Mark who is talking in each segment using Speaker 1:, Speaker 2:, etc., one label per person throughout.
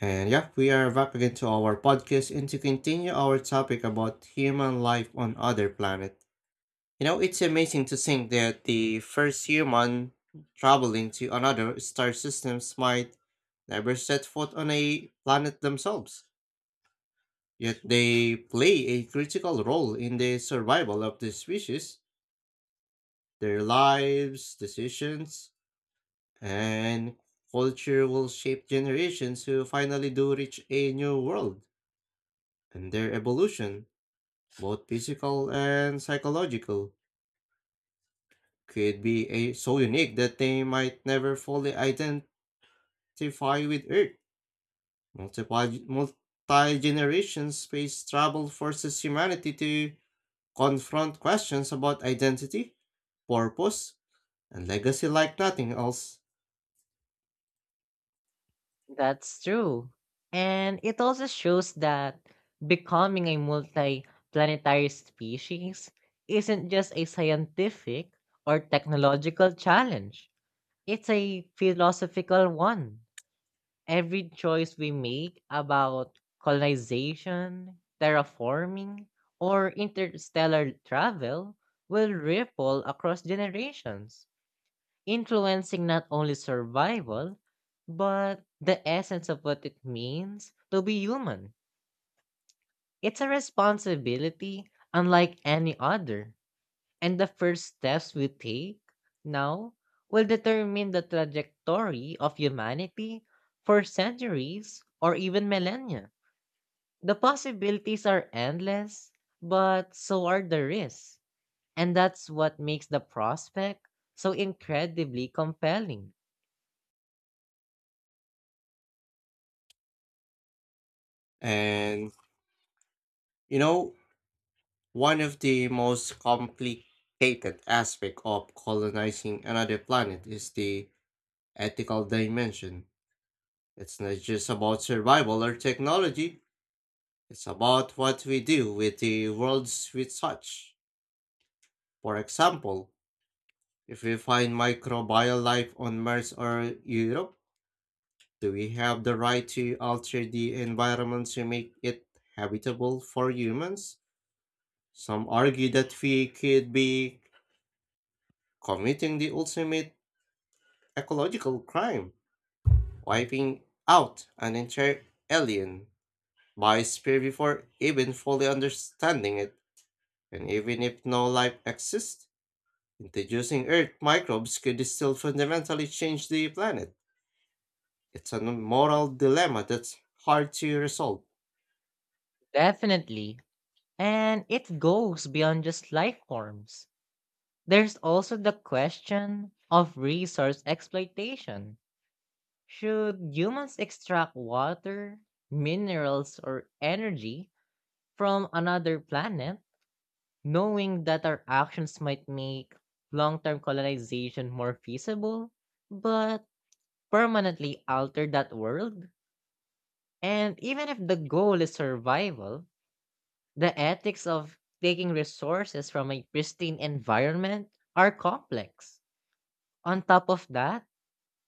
Speaker 1: And yeah, we are back again to our podcast and to continue our topic about human life on other planet. It's amazing to think that the first human traveling to another star systems might never set foot on a planet themselves. Yet they play a critical role in the survival of the species. Their lives, decisions, and culture will shape generations who finally do reach a new world, and their evolution, both physical and psychological, could be so unique that they might never fully identify with Earth. Multi-generation space travel forces humanity to confront questions about identity, purpose, and legacy like nothing else.
Speaker 2: That's true. And it also shows that becoming a multi-planetary species isn't just a scientific or technological challenge. It's a philosophical one. Every choice we make about colonization, terraforming, or interstellar travel will ripple across generations influencing not only survival, but the essence of what it means to be human. It's a responsibility unlike any other, and the first steps we take now will determine the trajectory of humanity for centuries or even millennia. The possibilities are endless, but so are the risks, and that's what makes the prospect so incredibly compelling.
Speaker 1: And you know, one of the most complicated aspects of colonizing another planet is the ethical dimension. It's not just about survival or technology, it's about what we do with the worlds we touch. For example, if we find microbial life on Mars or Europe, do we have the right to alter the environment to make it habitable for humans? Some argue that we could be committing the ultimate ecological crime, wiping out an entire alien by spear before even fully understanding it. And even if no life exists, introducing Earth microbes could still fundamentally change the planet. It's a moral dilemma that's hard to resolve.
Speaker 2: Definitely, and it goes beyond just life forms. There's also the question of resource exploitation. Should humans extract water, minerals, or energy from another planet, knowing that our actions might make long term colonization more feasible, but permanently alter that world? And even if the goal is survival, the ethics of taking resources from a pristine environment are complex. On top of that,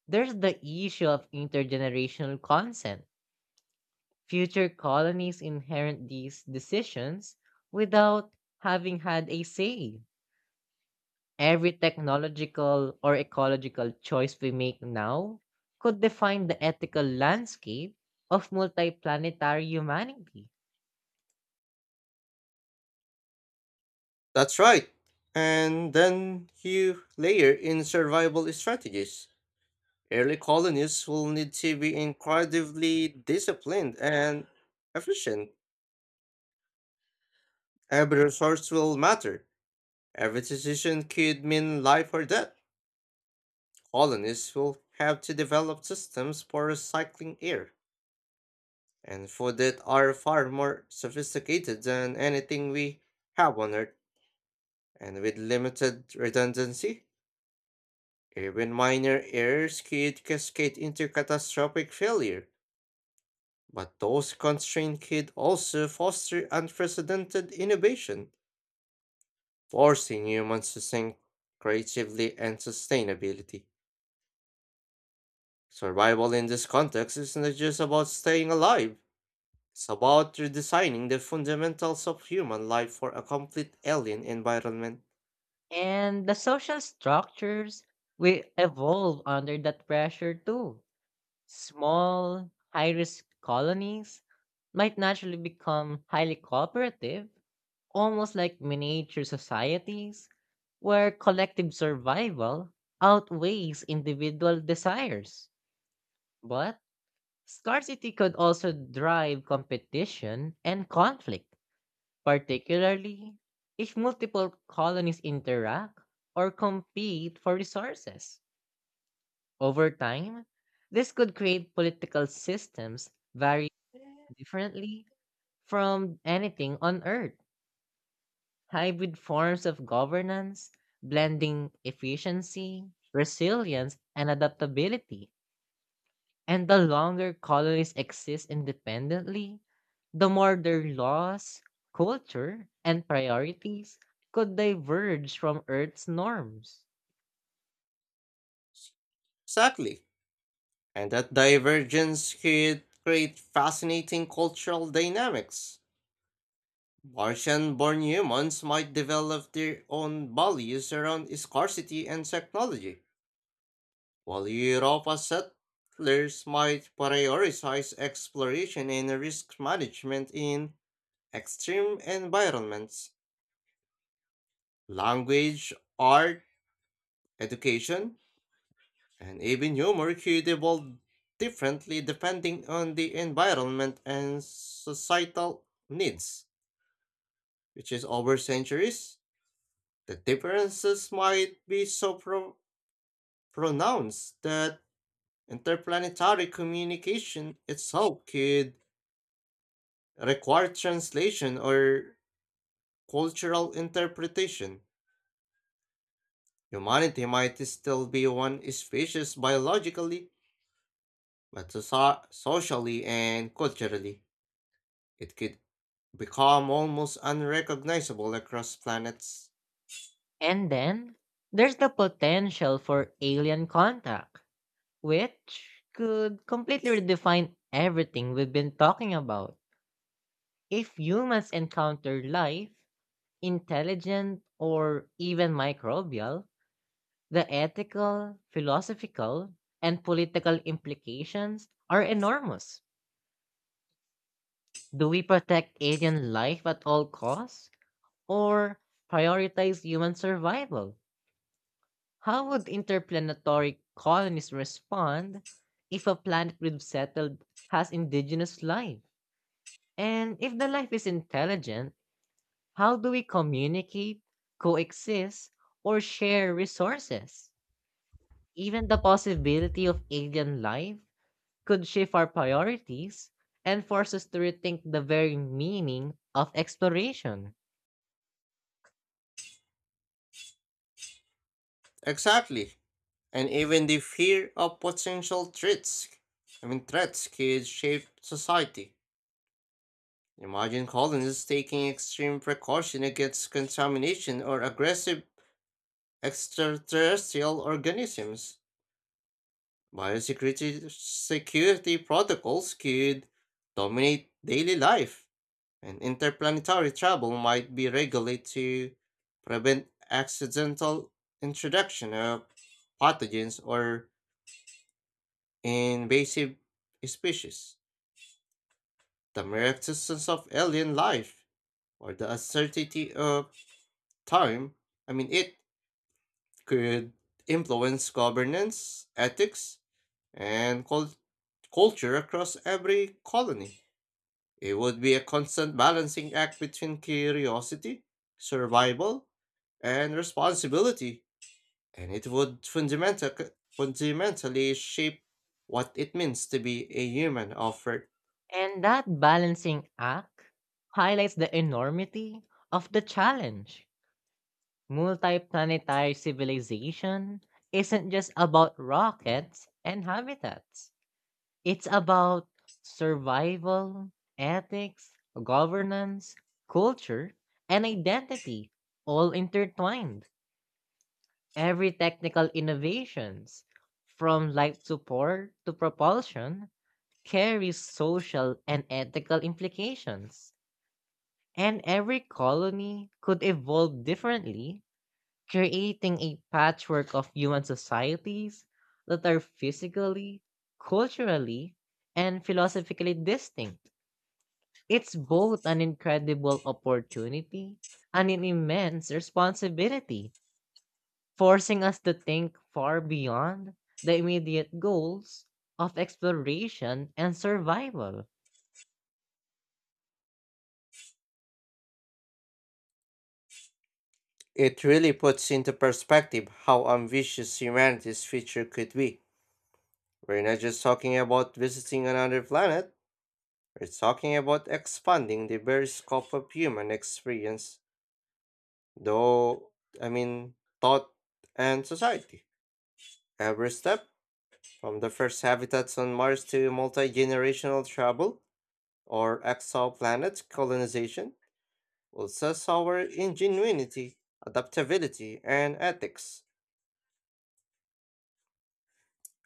Speaker 2: there's the issue of intergenerational consent. Future colonies inherit these decisions without having had a say. Every technological or ecological choice we make now could define the ethical landscape of multiplanetary humanity.
Speaker 1: That's right. And then you layer in survival strategies. Early colonists will need to be incredibly disciplined and efficient. Every resource will matter. Every decision could mean life or death. Colonists will have to develop systems for recycling air and food that are far more sophisticated than anything we have on Earth, and with limited redundancy, even minor errors could cascade into catastrophic failure. But those constraints could also foster unprecedented innovation, forcing humans to think creatively and sustainability. Survival in this context is not just about staying alive. It's about redesigning the fundamentals of human life for a complete alien environment.
Speaker 2: And the social structures will evolve under that pressure too. Small, high risk colonies might naturally become highly cooperative, almost like miniature societies, where collective survival outweighs individual desires. But scarcity could also drive competition and conflict particularly if multiple colonies interact or compete for resources. Over time, this could create political systems very differently from anything on Earth. Hybrid forms of governance, blending efficiency, resilience, and adaptability. And the longer colonies exist independently, the more their laws, culture, and priorities could diverge from Earth's norms.
Speaker 1: Exactly. And that divergence could create fascinating cultural dynamics. Martian born humans might develop their own values around scarcity and technology, while Europa settlers might prioritize exploration and risk management in extreme environments. Language, art, education, and even humor could evolve differently depending on the environment and societal needs, which is over centuries, the differences might be so pronounced that interplanetary communication itself could require translation or cultural interpretation. Humanity might still be one species biologically, but socially and culturally. It could become almost unrecognizable across planets.
Speaker 2: And then there's the potential for alien contact, which could completely redefine everything we've been talking about. If humans encounter life, intelligent, or even microbial, the ethical, philosophical, and political implications are enormous. Do we protect alien life at all costs or prioritize human survival? How would interplanetary colonies respond if a planet we've settled has indigenous life? And if the life is intelligent, how do we communicate, coexist, or share resources? Even the possibility of alien life could shift our priorities and force us to rethink the very meaning of exploration.
Speaker 1: Exactly. And even the fear of potential threats, I mean threats could shape society. Imagine colonists taking extreme precaution against contamination or aggressive extraterrestrial organisms. Biosecurity security protocols could dominate daily life, and interplanetary travel might be regulated to prevent accidental introduction of pathogens or invasive species. The mere existence of alien life or the uncertainty of time, I mean, it could influence governance, ethics, and culture across every colony. It would be a constant balancing act between curiosity, survival, and responsibility, and it would fundamentally shape what it means to be a human of worth.
Speaker 2: And that balancing act highlights the enormity of the challenge. Multiplanetary civilization isn't just about rockets and habitats. It's about survival, ethics, governance, culture, and identity all intertwined. Every technical innovations, from light support to propulsion, carries social and ethical implications. And every colony could evolve differently, creating a patchwork of human societies that are physically, culturally, and philosophically distinct. It's both an incredible opportunity and an immense responsibility forcing us to think far beyond the immediate goals of exploration and survival.
Speaker 1: It really puts into perspective how ambitious humanity's future could be. We're not just talking about visiting another planet, we're talking about expanding the very scope of human experience, though, I mean, thought and society. Every step, from the first habitats on Mars to multi generational travel or exoplanet colonization, will test our ingenuity, adaptability, and ethics.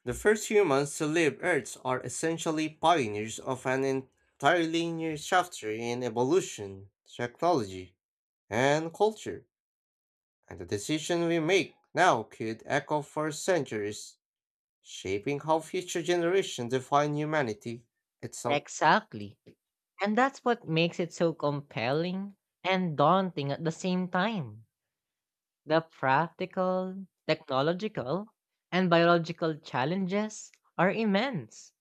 Speaker 1: The first humans to leave Earth are essentially pioneers of an entirely new chapter in evolution, technology, and culture, and the decision we make now could echo for centuries, shaping how future generations define humanity itself.
Speaker 2: Exactly. And that's what makes it so compelling and daunting at the same time. The practical, technological, and biological challenges are immense,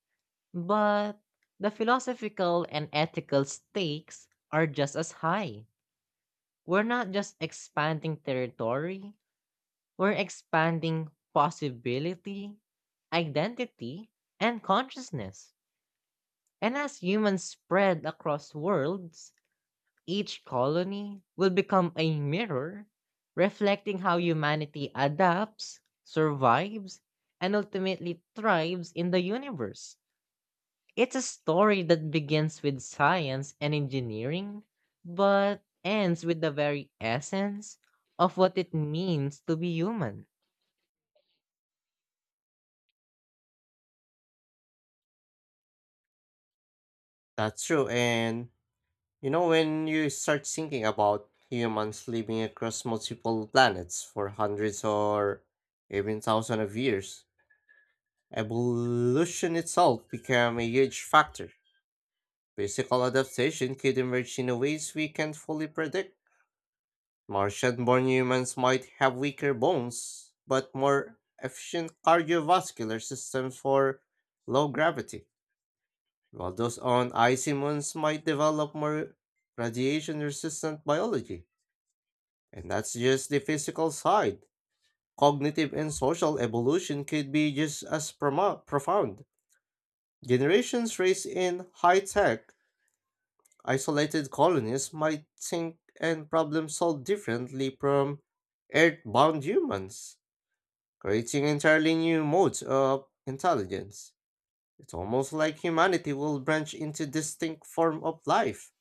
Speaker 2: but the philosophical and ethical stakes are just as high. We're not just expanding territory, we're expanding possibility, identity, and consciousness. And as humans spread across worlds, each colony will become a mirror reflecting how humanity adapts, survives, and ultimately thrives in the universe. It's a story that begins with science and engineering, but ends with the very essence of what it means to be human.
Speaker 1: That's true. And when you start thinking about humans living across multiple planets for hundreds or even thousands of years, evolution itself became a huge factor. Physical adaptation could emerge in ways we can't fully predict. Martian born humans might have weaker bones, but more efficient cardiovascular systems for low gravity, while those on icy moons might develop more radiation resistant biology. And that's just the physical side. Cognitive and social evolution could be just as profound. Generations raised in high tech, isolated colonies might think and problem solve differently from earthbound humans, creating entirely new modes of intelligence. It's almost like humanity will branch into distinct form of life,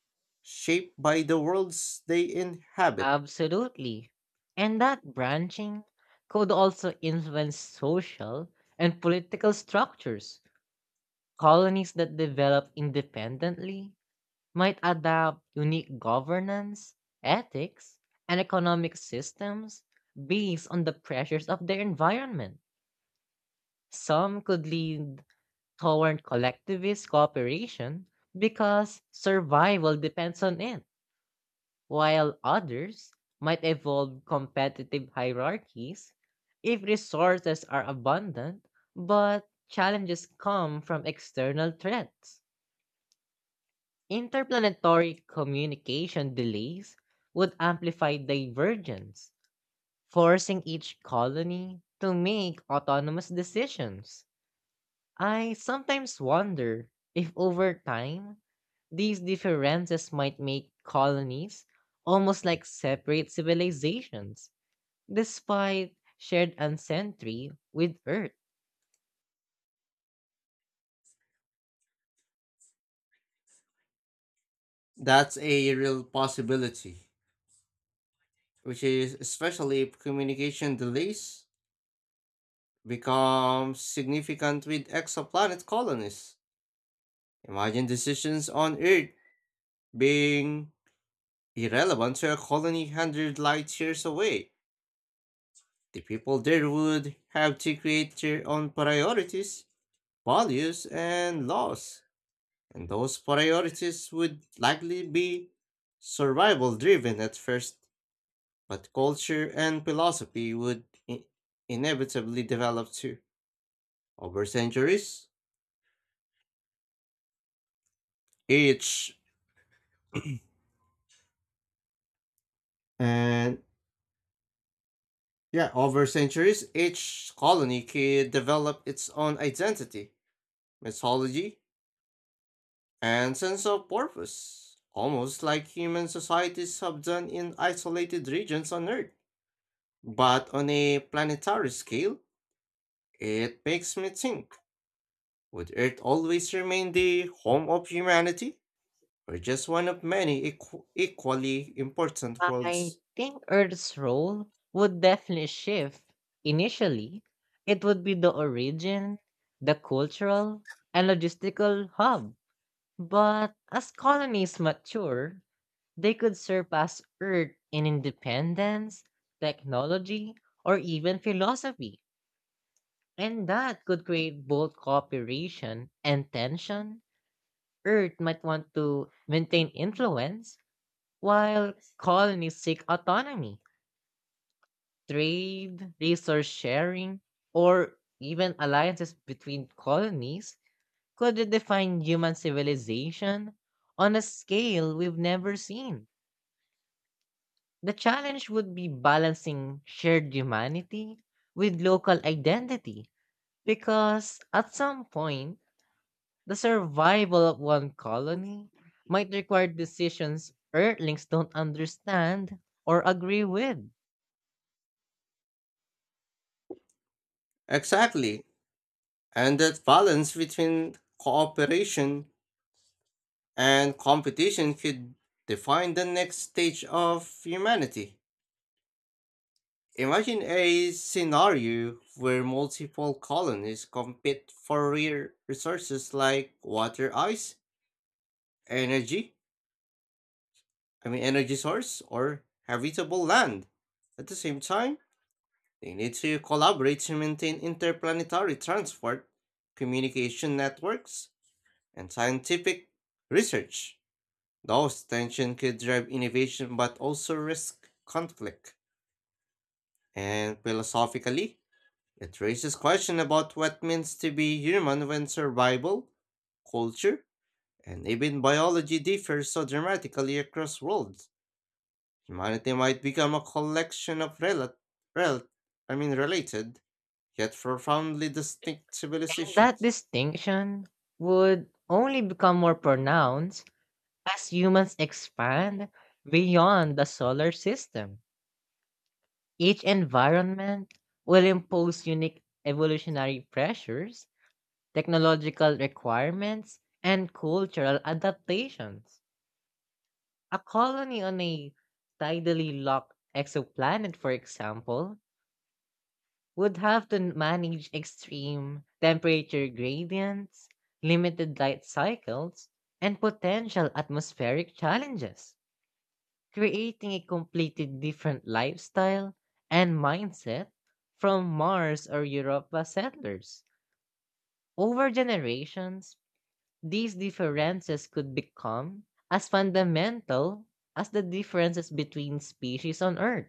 Speaker 1: shaped by the worlds they inhabit.
Speaker 2: Absolutely. And that branching could also influence social and political structures. Colonies that develop independently might adopt unique governance, ethics, and economic systems based on the pressures of their environment. Some could lead toward collectivist cooperation because survival depends on it while others might evolve competitive hierarchies if resources are abundant but challenges come from external threats. Interplanetary communication delays would amplify divergence, forcing each colony to make autonomous decisions. I sometimes wonder if over time, these differences might make colonies almost like separate civilizations, despite shared ancestry with Earth.
Speaker 1: That's a real possibility, which is especially if communication delays become significant with exoplanet colonies. Imagine decisions on Earth being irrelevant to a colony 100 light years away. The people there would have to create their own priorities, values, and laws, and those priorities would likely be survival driven at first, but culture and philosophy would inevitably develop too over centuries. Each And, yeah, over centuries, each colony could develop its own identity, mythology, and sense of purpose, almost like human societies have done in isolated regions on Earth. But on a planetary scale, it makes me think, would Earth always remain the home of humanity, or just one of many equally important
Speaker 2: I
Speaker 1: worlds?
Speaker 2: think Earth's role would definitely shift. Initially, it would be the origin, the cultural, and logistical hub. But as colonies mature, they could surpass Earth in independence, technology, or even philosophy. And that could create both cooperation and tension. Earth might want to maintain influence, while colonies seek autonomy, trade, resource sharing, or even alliances between colonies could redefine human civilization on a scale we've never seen. The challenge would be balancing shared humanity with local identity because at some point, the survival of one colony might require decisions Earthlings don't understand or agree with.
Speaker 1: Exactly, and that balance between cooperation and competition could define the next stage of humanity. Imagine a scenario where multiple colonies compete for rare resources like water, ice, energy, I mean energy source or habitable land. At the same time, they need to collaborate to maintain interplanetary transport, communication networks, and scientific research. Those tensions could drive innovation but also risk conflict. And philosophically, it raises questions about what means to be human when survival, culture, and even biology differs so dramatically across worlds. Humanity might become a collection of rel- I mean related, yet profoundly distinct
Speaker 2: And that
Speaker 1: civilizations.
Speaker 2: distinction would only become more pronounced as humans expand beyond the solar system. Each environment will impose unique evolutionary pressures technological requirements, and cultural adaptations. A colony on a tidally locked exoplanet, for example, would have to manage extreme temperature gradients, limited light cycles, and potential atmospheric challenges, creating a completely different lifestyle and mindset from Mars or Europa settlers. Over generations, these differences could become as fundamental as the differences between species on Earth.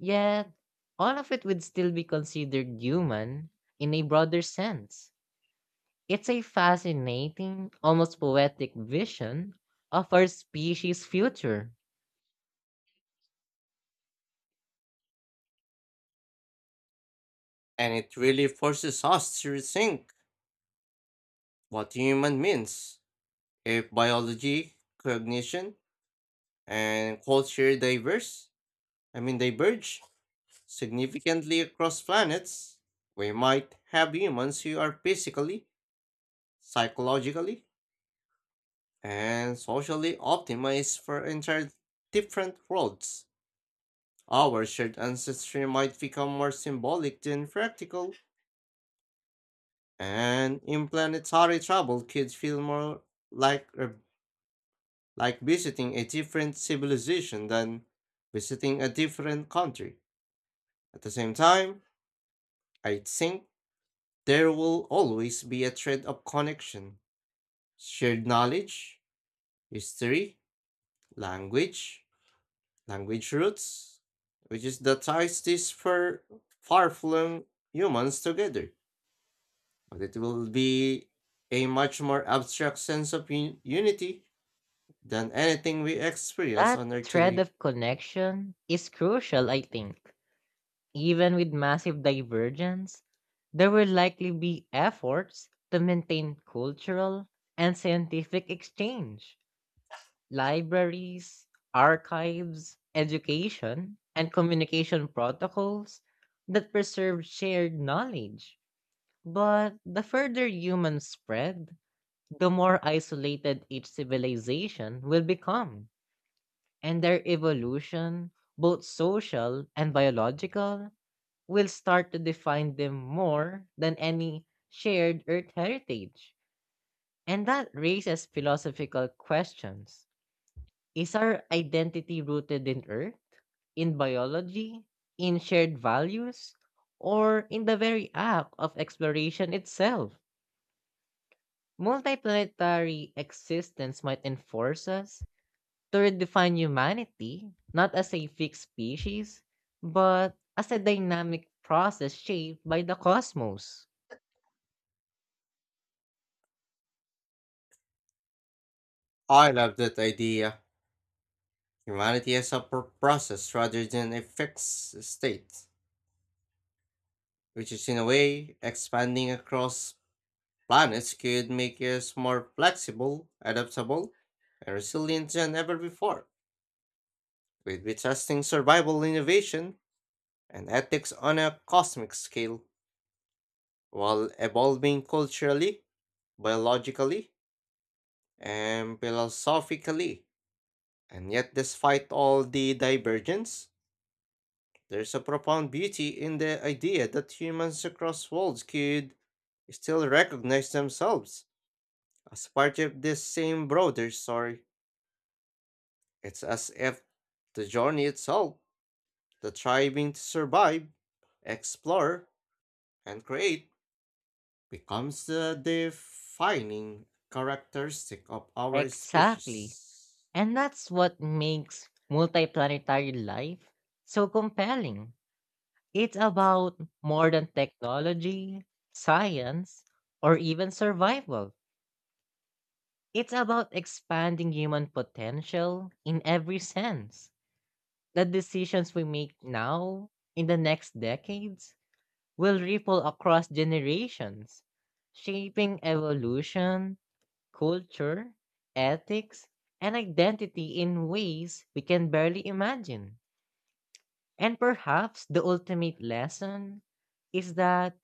Speaker 2: Yet, all of it would still be considered human in a broader sense. It's a fascinating, almost poetic vision of our species' future.
Speaker 1: And it really forces us to rethink what human means. If biology, cognition, and culture I mean diverge significantly across planets, we might have humans who are physically, psychologically, and socially optimized for entire different worlds. Our shared ancestry might become more symbolic than practical, and in planetary travel could feel more like er, like visiting a different civilization than visiting a different country. At the same time, I think there will always be a thread of connection, shared knowledge, history, language, language roots, which is that ties these far-flung humans together, but it will be a much more abstract sense of unity than anything we experience
Speaker 2: That
Speaker 1: on Earth
Speaker 2: thread
Speaker 1: today.
Speaker 2: of connection is crucial, I think. Even with massive divergence, there will likely be efforts to maintain cultural and scientific exchange. Libraries, archives, education, and communication protocols that preserve shared knowledge. But the further humans spread, the more isolated each civilization will become, and their evolution, both social and biological, will start to define them more than any shared Earth heritage. And that raises philosophical questions. Is our identity rooted in Earth, in biology, in shared values, or in the very act of exploration itself? Multiplanetary existence might enforce us to redefine humanity not as a fixed species, but as a dynamic process shaped by the cosmos.
Speaker 1: I love that idea. Humanity as a process rather than a fixed state, which is in a way expanding across planets could make us more flexible, adaptable, and resilient than ever before. We'd be testing survival innovation and ethics on a cosmic scale while evolving culturally, biologically, and philosophically. And yet, despite all the divergence, there's a profound beauty in the idea that humans across worlds could still recognize themselves as part of this same broader story. It's as if the journey itself, the striving to survive, explore, and create, becomes the defining characteristic of our
Speaker 2: Exactly.
Speaker 1: species.
Speaker 2: And that's what makes multiplanetary life so compelling. It's about more than technology, science, or even survival. It's about expanding human potential in every sense. The decisions we make now, in the next decades, will ripple across generations, shaping evolution culture, ethics, and identity in ways we can barely imagine. And perhaps the ultimate lesson is that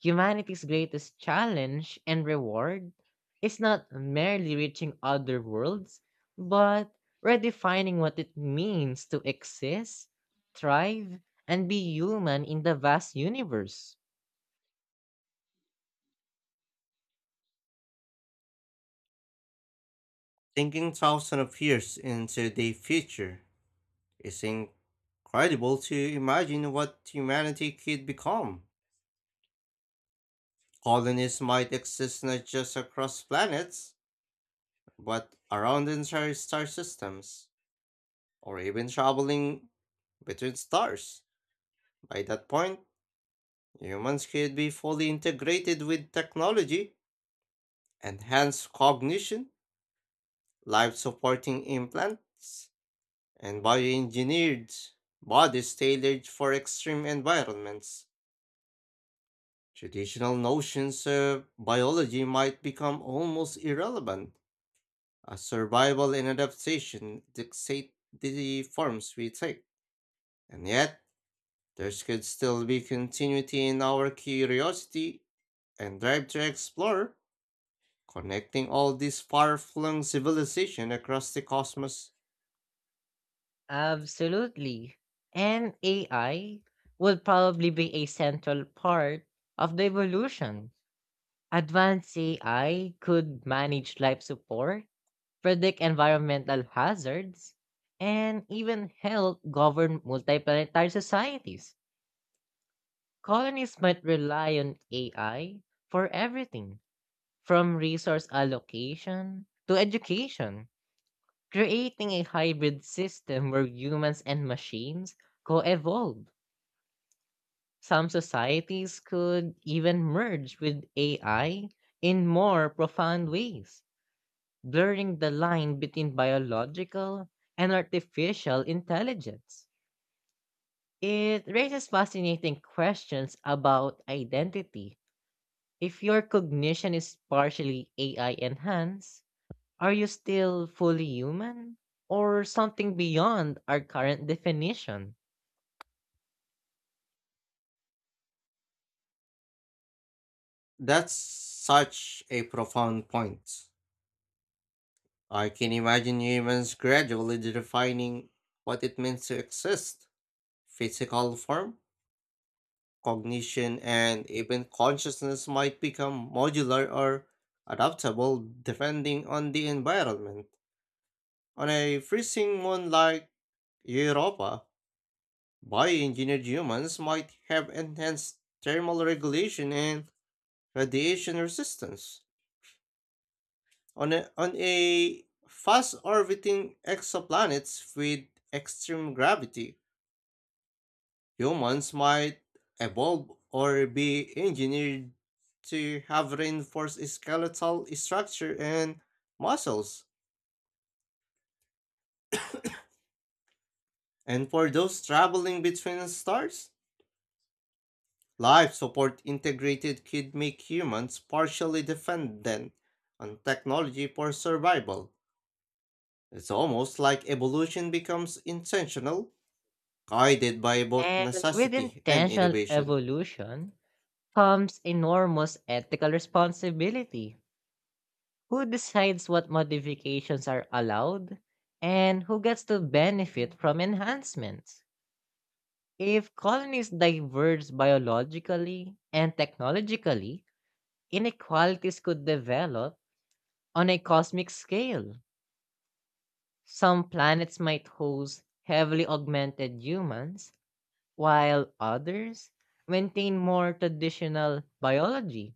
Speaker 2: humanity's greatest challenge and reward is not merely reaching other worlds, but redefining what it means to exist, thrive, and be human in the vast universe.
Speaker 1: Thinking thousands of years into the future, it's incredible to imagine what humanity could become. Colonies might exist not just across planets, but around entire star systems, or even traveling between stars. By that point, humans could be fully integrated with technology, enhanced cognition, life supporting implants, and bioengineered bodies tailored for extreme environments. Traditional notions of biology might become almost irrelevant as survival and adaptation dictate the forms we take. And yet, there could still be continuity in our curiosity and drive to explore, connecting all these far-flung civilizations across the cosmos.
Speaker 2: Absolutely. And AI will probably be a central part of the evolution. Advanced AI could manage life support, predict environmental hazards, and even help govern multiplanetary societies. Colonies might rely on AI for everything, from resource allocation to education, creating a hybrid system where humans and machines co evolve. Some societies could even merge with AI in more profound ways, blurring the line between biological and artificial intelligence. It raises fascinating questions about identity. If your cognition is partially AI enhanced, are you still fully human or something beyond our current definition?
Speaker 1: That's such a profound point. I can imagine humans gradually defining what it means to exist. Physical form, cognition, and even consciousness might become modular or adaptable depending on the environment. On a freezing moon like Europa, bioengineered humans might have enhanced thermal regulation and radiation resistance. On a fast orbiting exoplanets with extreme gravity, humans might evolve or be engineered to have reinforced skeletal structure and muscles. And for those traveling between stars, life support integrated could make humans partially dependent on technology for survival. It's almost like evolution becomes intentional, guided by both
Speaker 2: And with
Speaker 1: necessity and
Speaker 2: intentional
Speaker 1: innovation.
Speaker 2: evolution, comes enormous ethical responsibility. Who decides what modifications are allowed and who gets to benefit from enhancements? If colonies diverge biologically and technologically, inequalities could develop on a cosmic scale. Some planets might host heavily augmented humans, while others maintain more traditional biology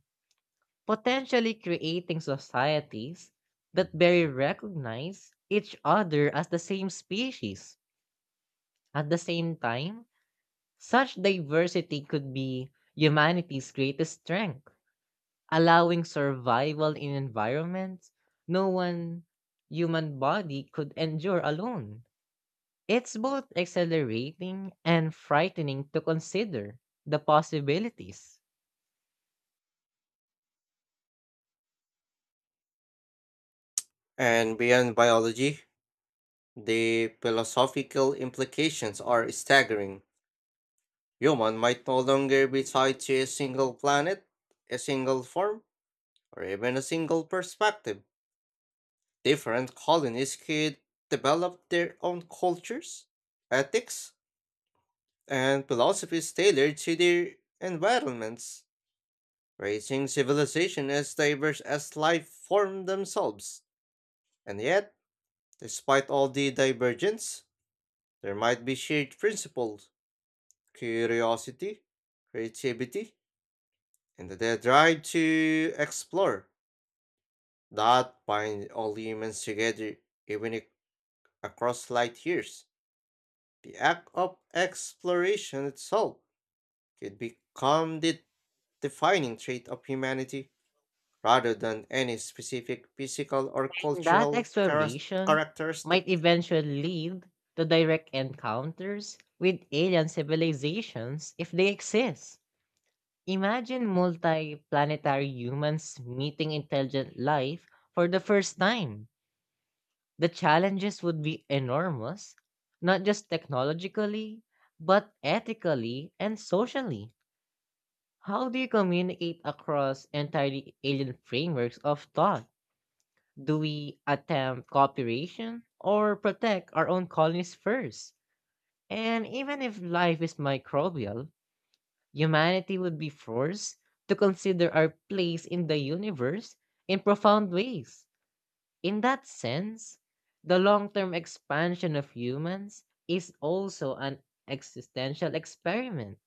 Speaker 2: potentially creating societies that barely recognize each other as the same species. At the same time, such diversity could be humanity's greatest strength, allowing survival in environments no one human body could endure alone. It's both exhilarating and frightening to consider the possibilities.
Speaker 1: And beyond biology, the philosophical implications are staggering. Human might no longer be tied to a single planet, a single form, or even a single perspective. Different colonies could develop their own cultures, ethics, and philosophies tailored to their environments, raising civilization as diverse as life form themselves. And yet, despite all the divergence, there might be shared principles, curiosity, creativity, and the drive to explore that bind all humans together, even across light years. The act of exploration itself could become the defining trait of humanity rather than any specific physical or
Speaker 2: That
Speaker 1: cultural
Speaker 2: exploration might
Speaker 1: characteristic.
Speaker 2: eventually lead to direct encounters with alien civilizations if they exist. Imagine multi planetary humans meeting intelligent life for the first time. The challenges would be enormous, not just technologically, but ethically and socially. How do you communicate across entirely alien frameworks of thought? Do we attempt cooperation or protect our own colonies first? And even if life is microbial, humanity would be forced to consider our place in the universe in profound ways. In that sense, the long term expansion of humans is also an existential experiment,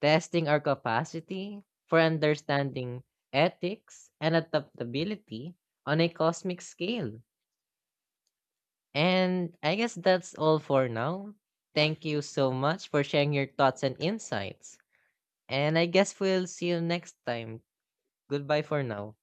Speaker 2: testing our capacity for understanding ethics and adaptability on a cosmic scale. And I guess that's all for now. Thank you so much for sharing your thoughts and insights. And I guess we'll see you next time. Goodbye for now.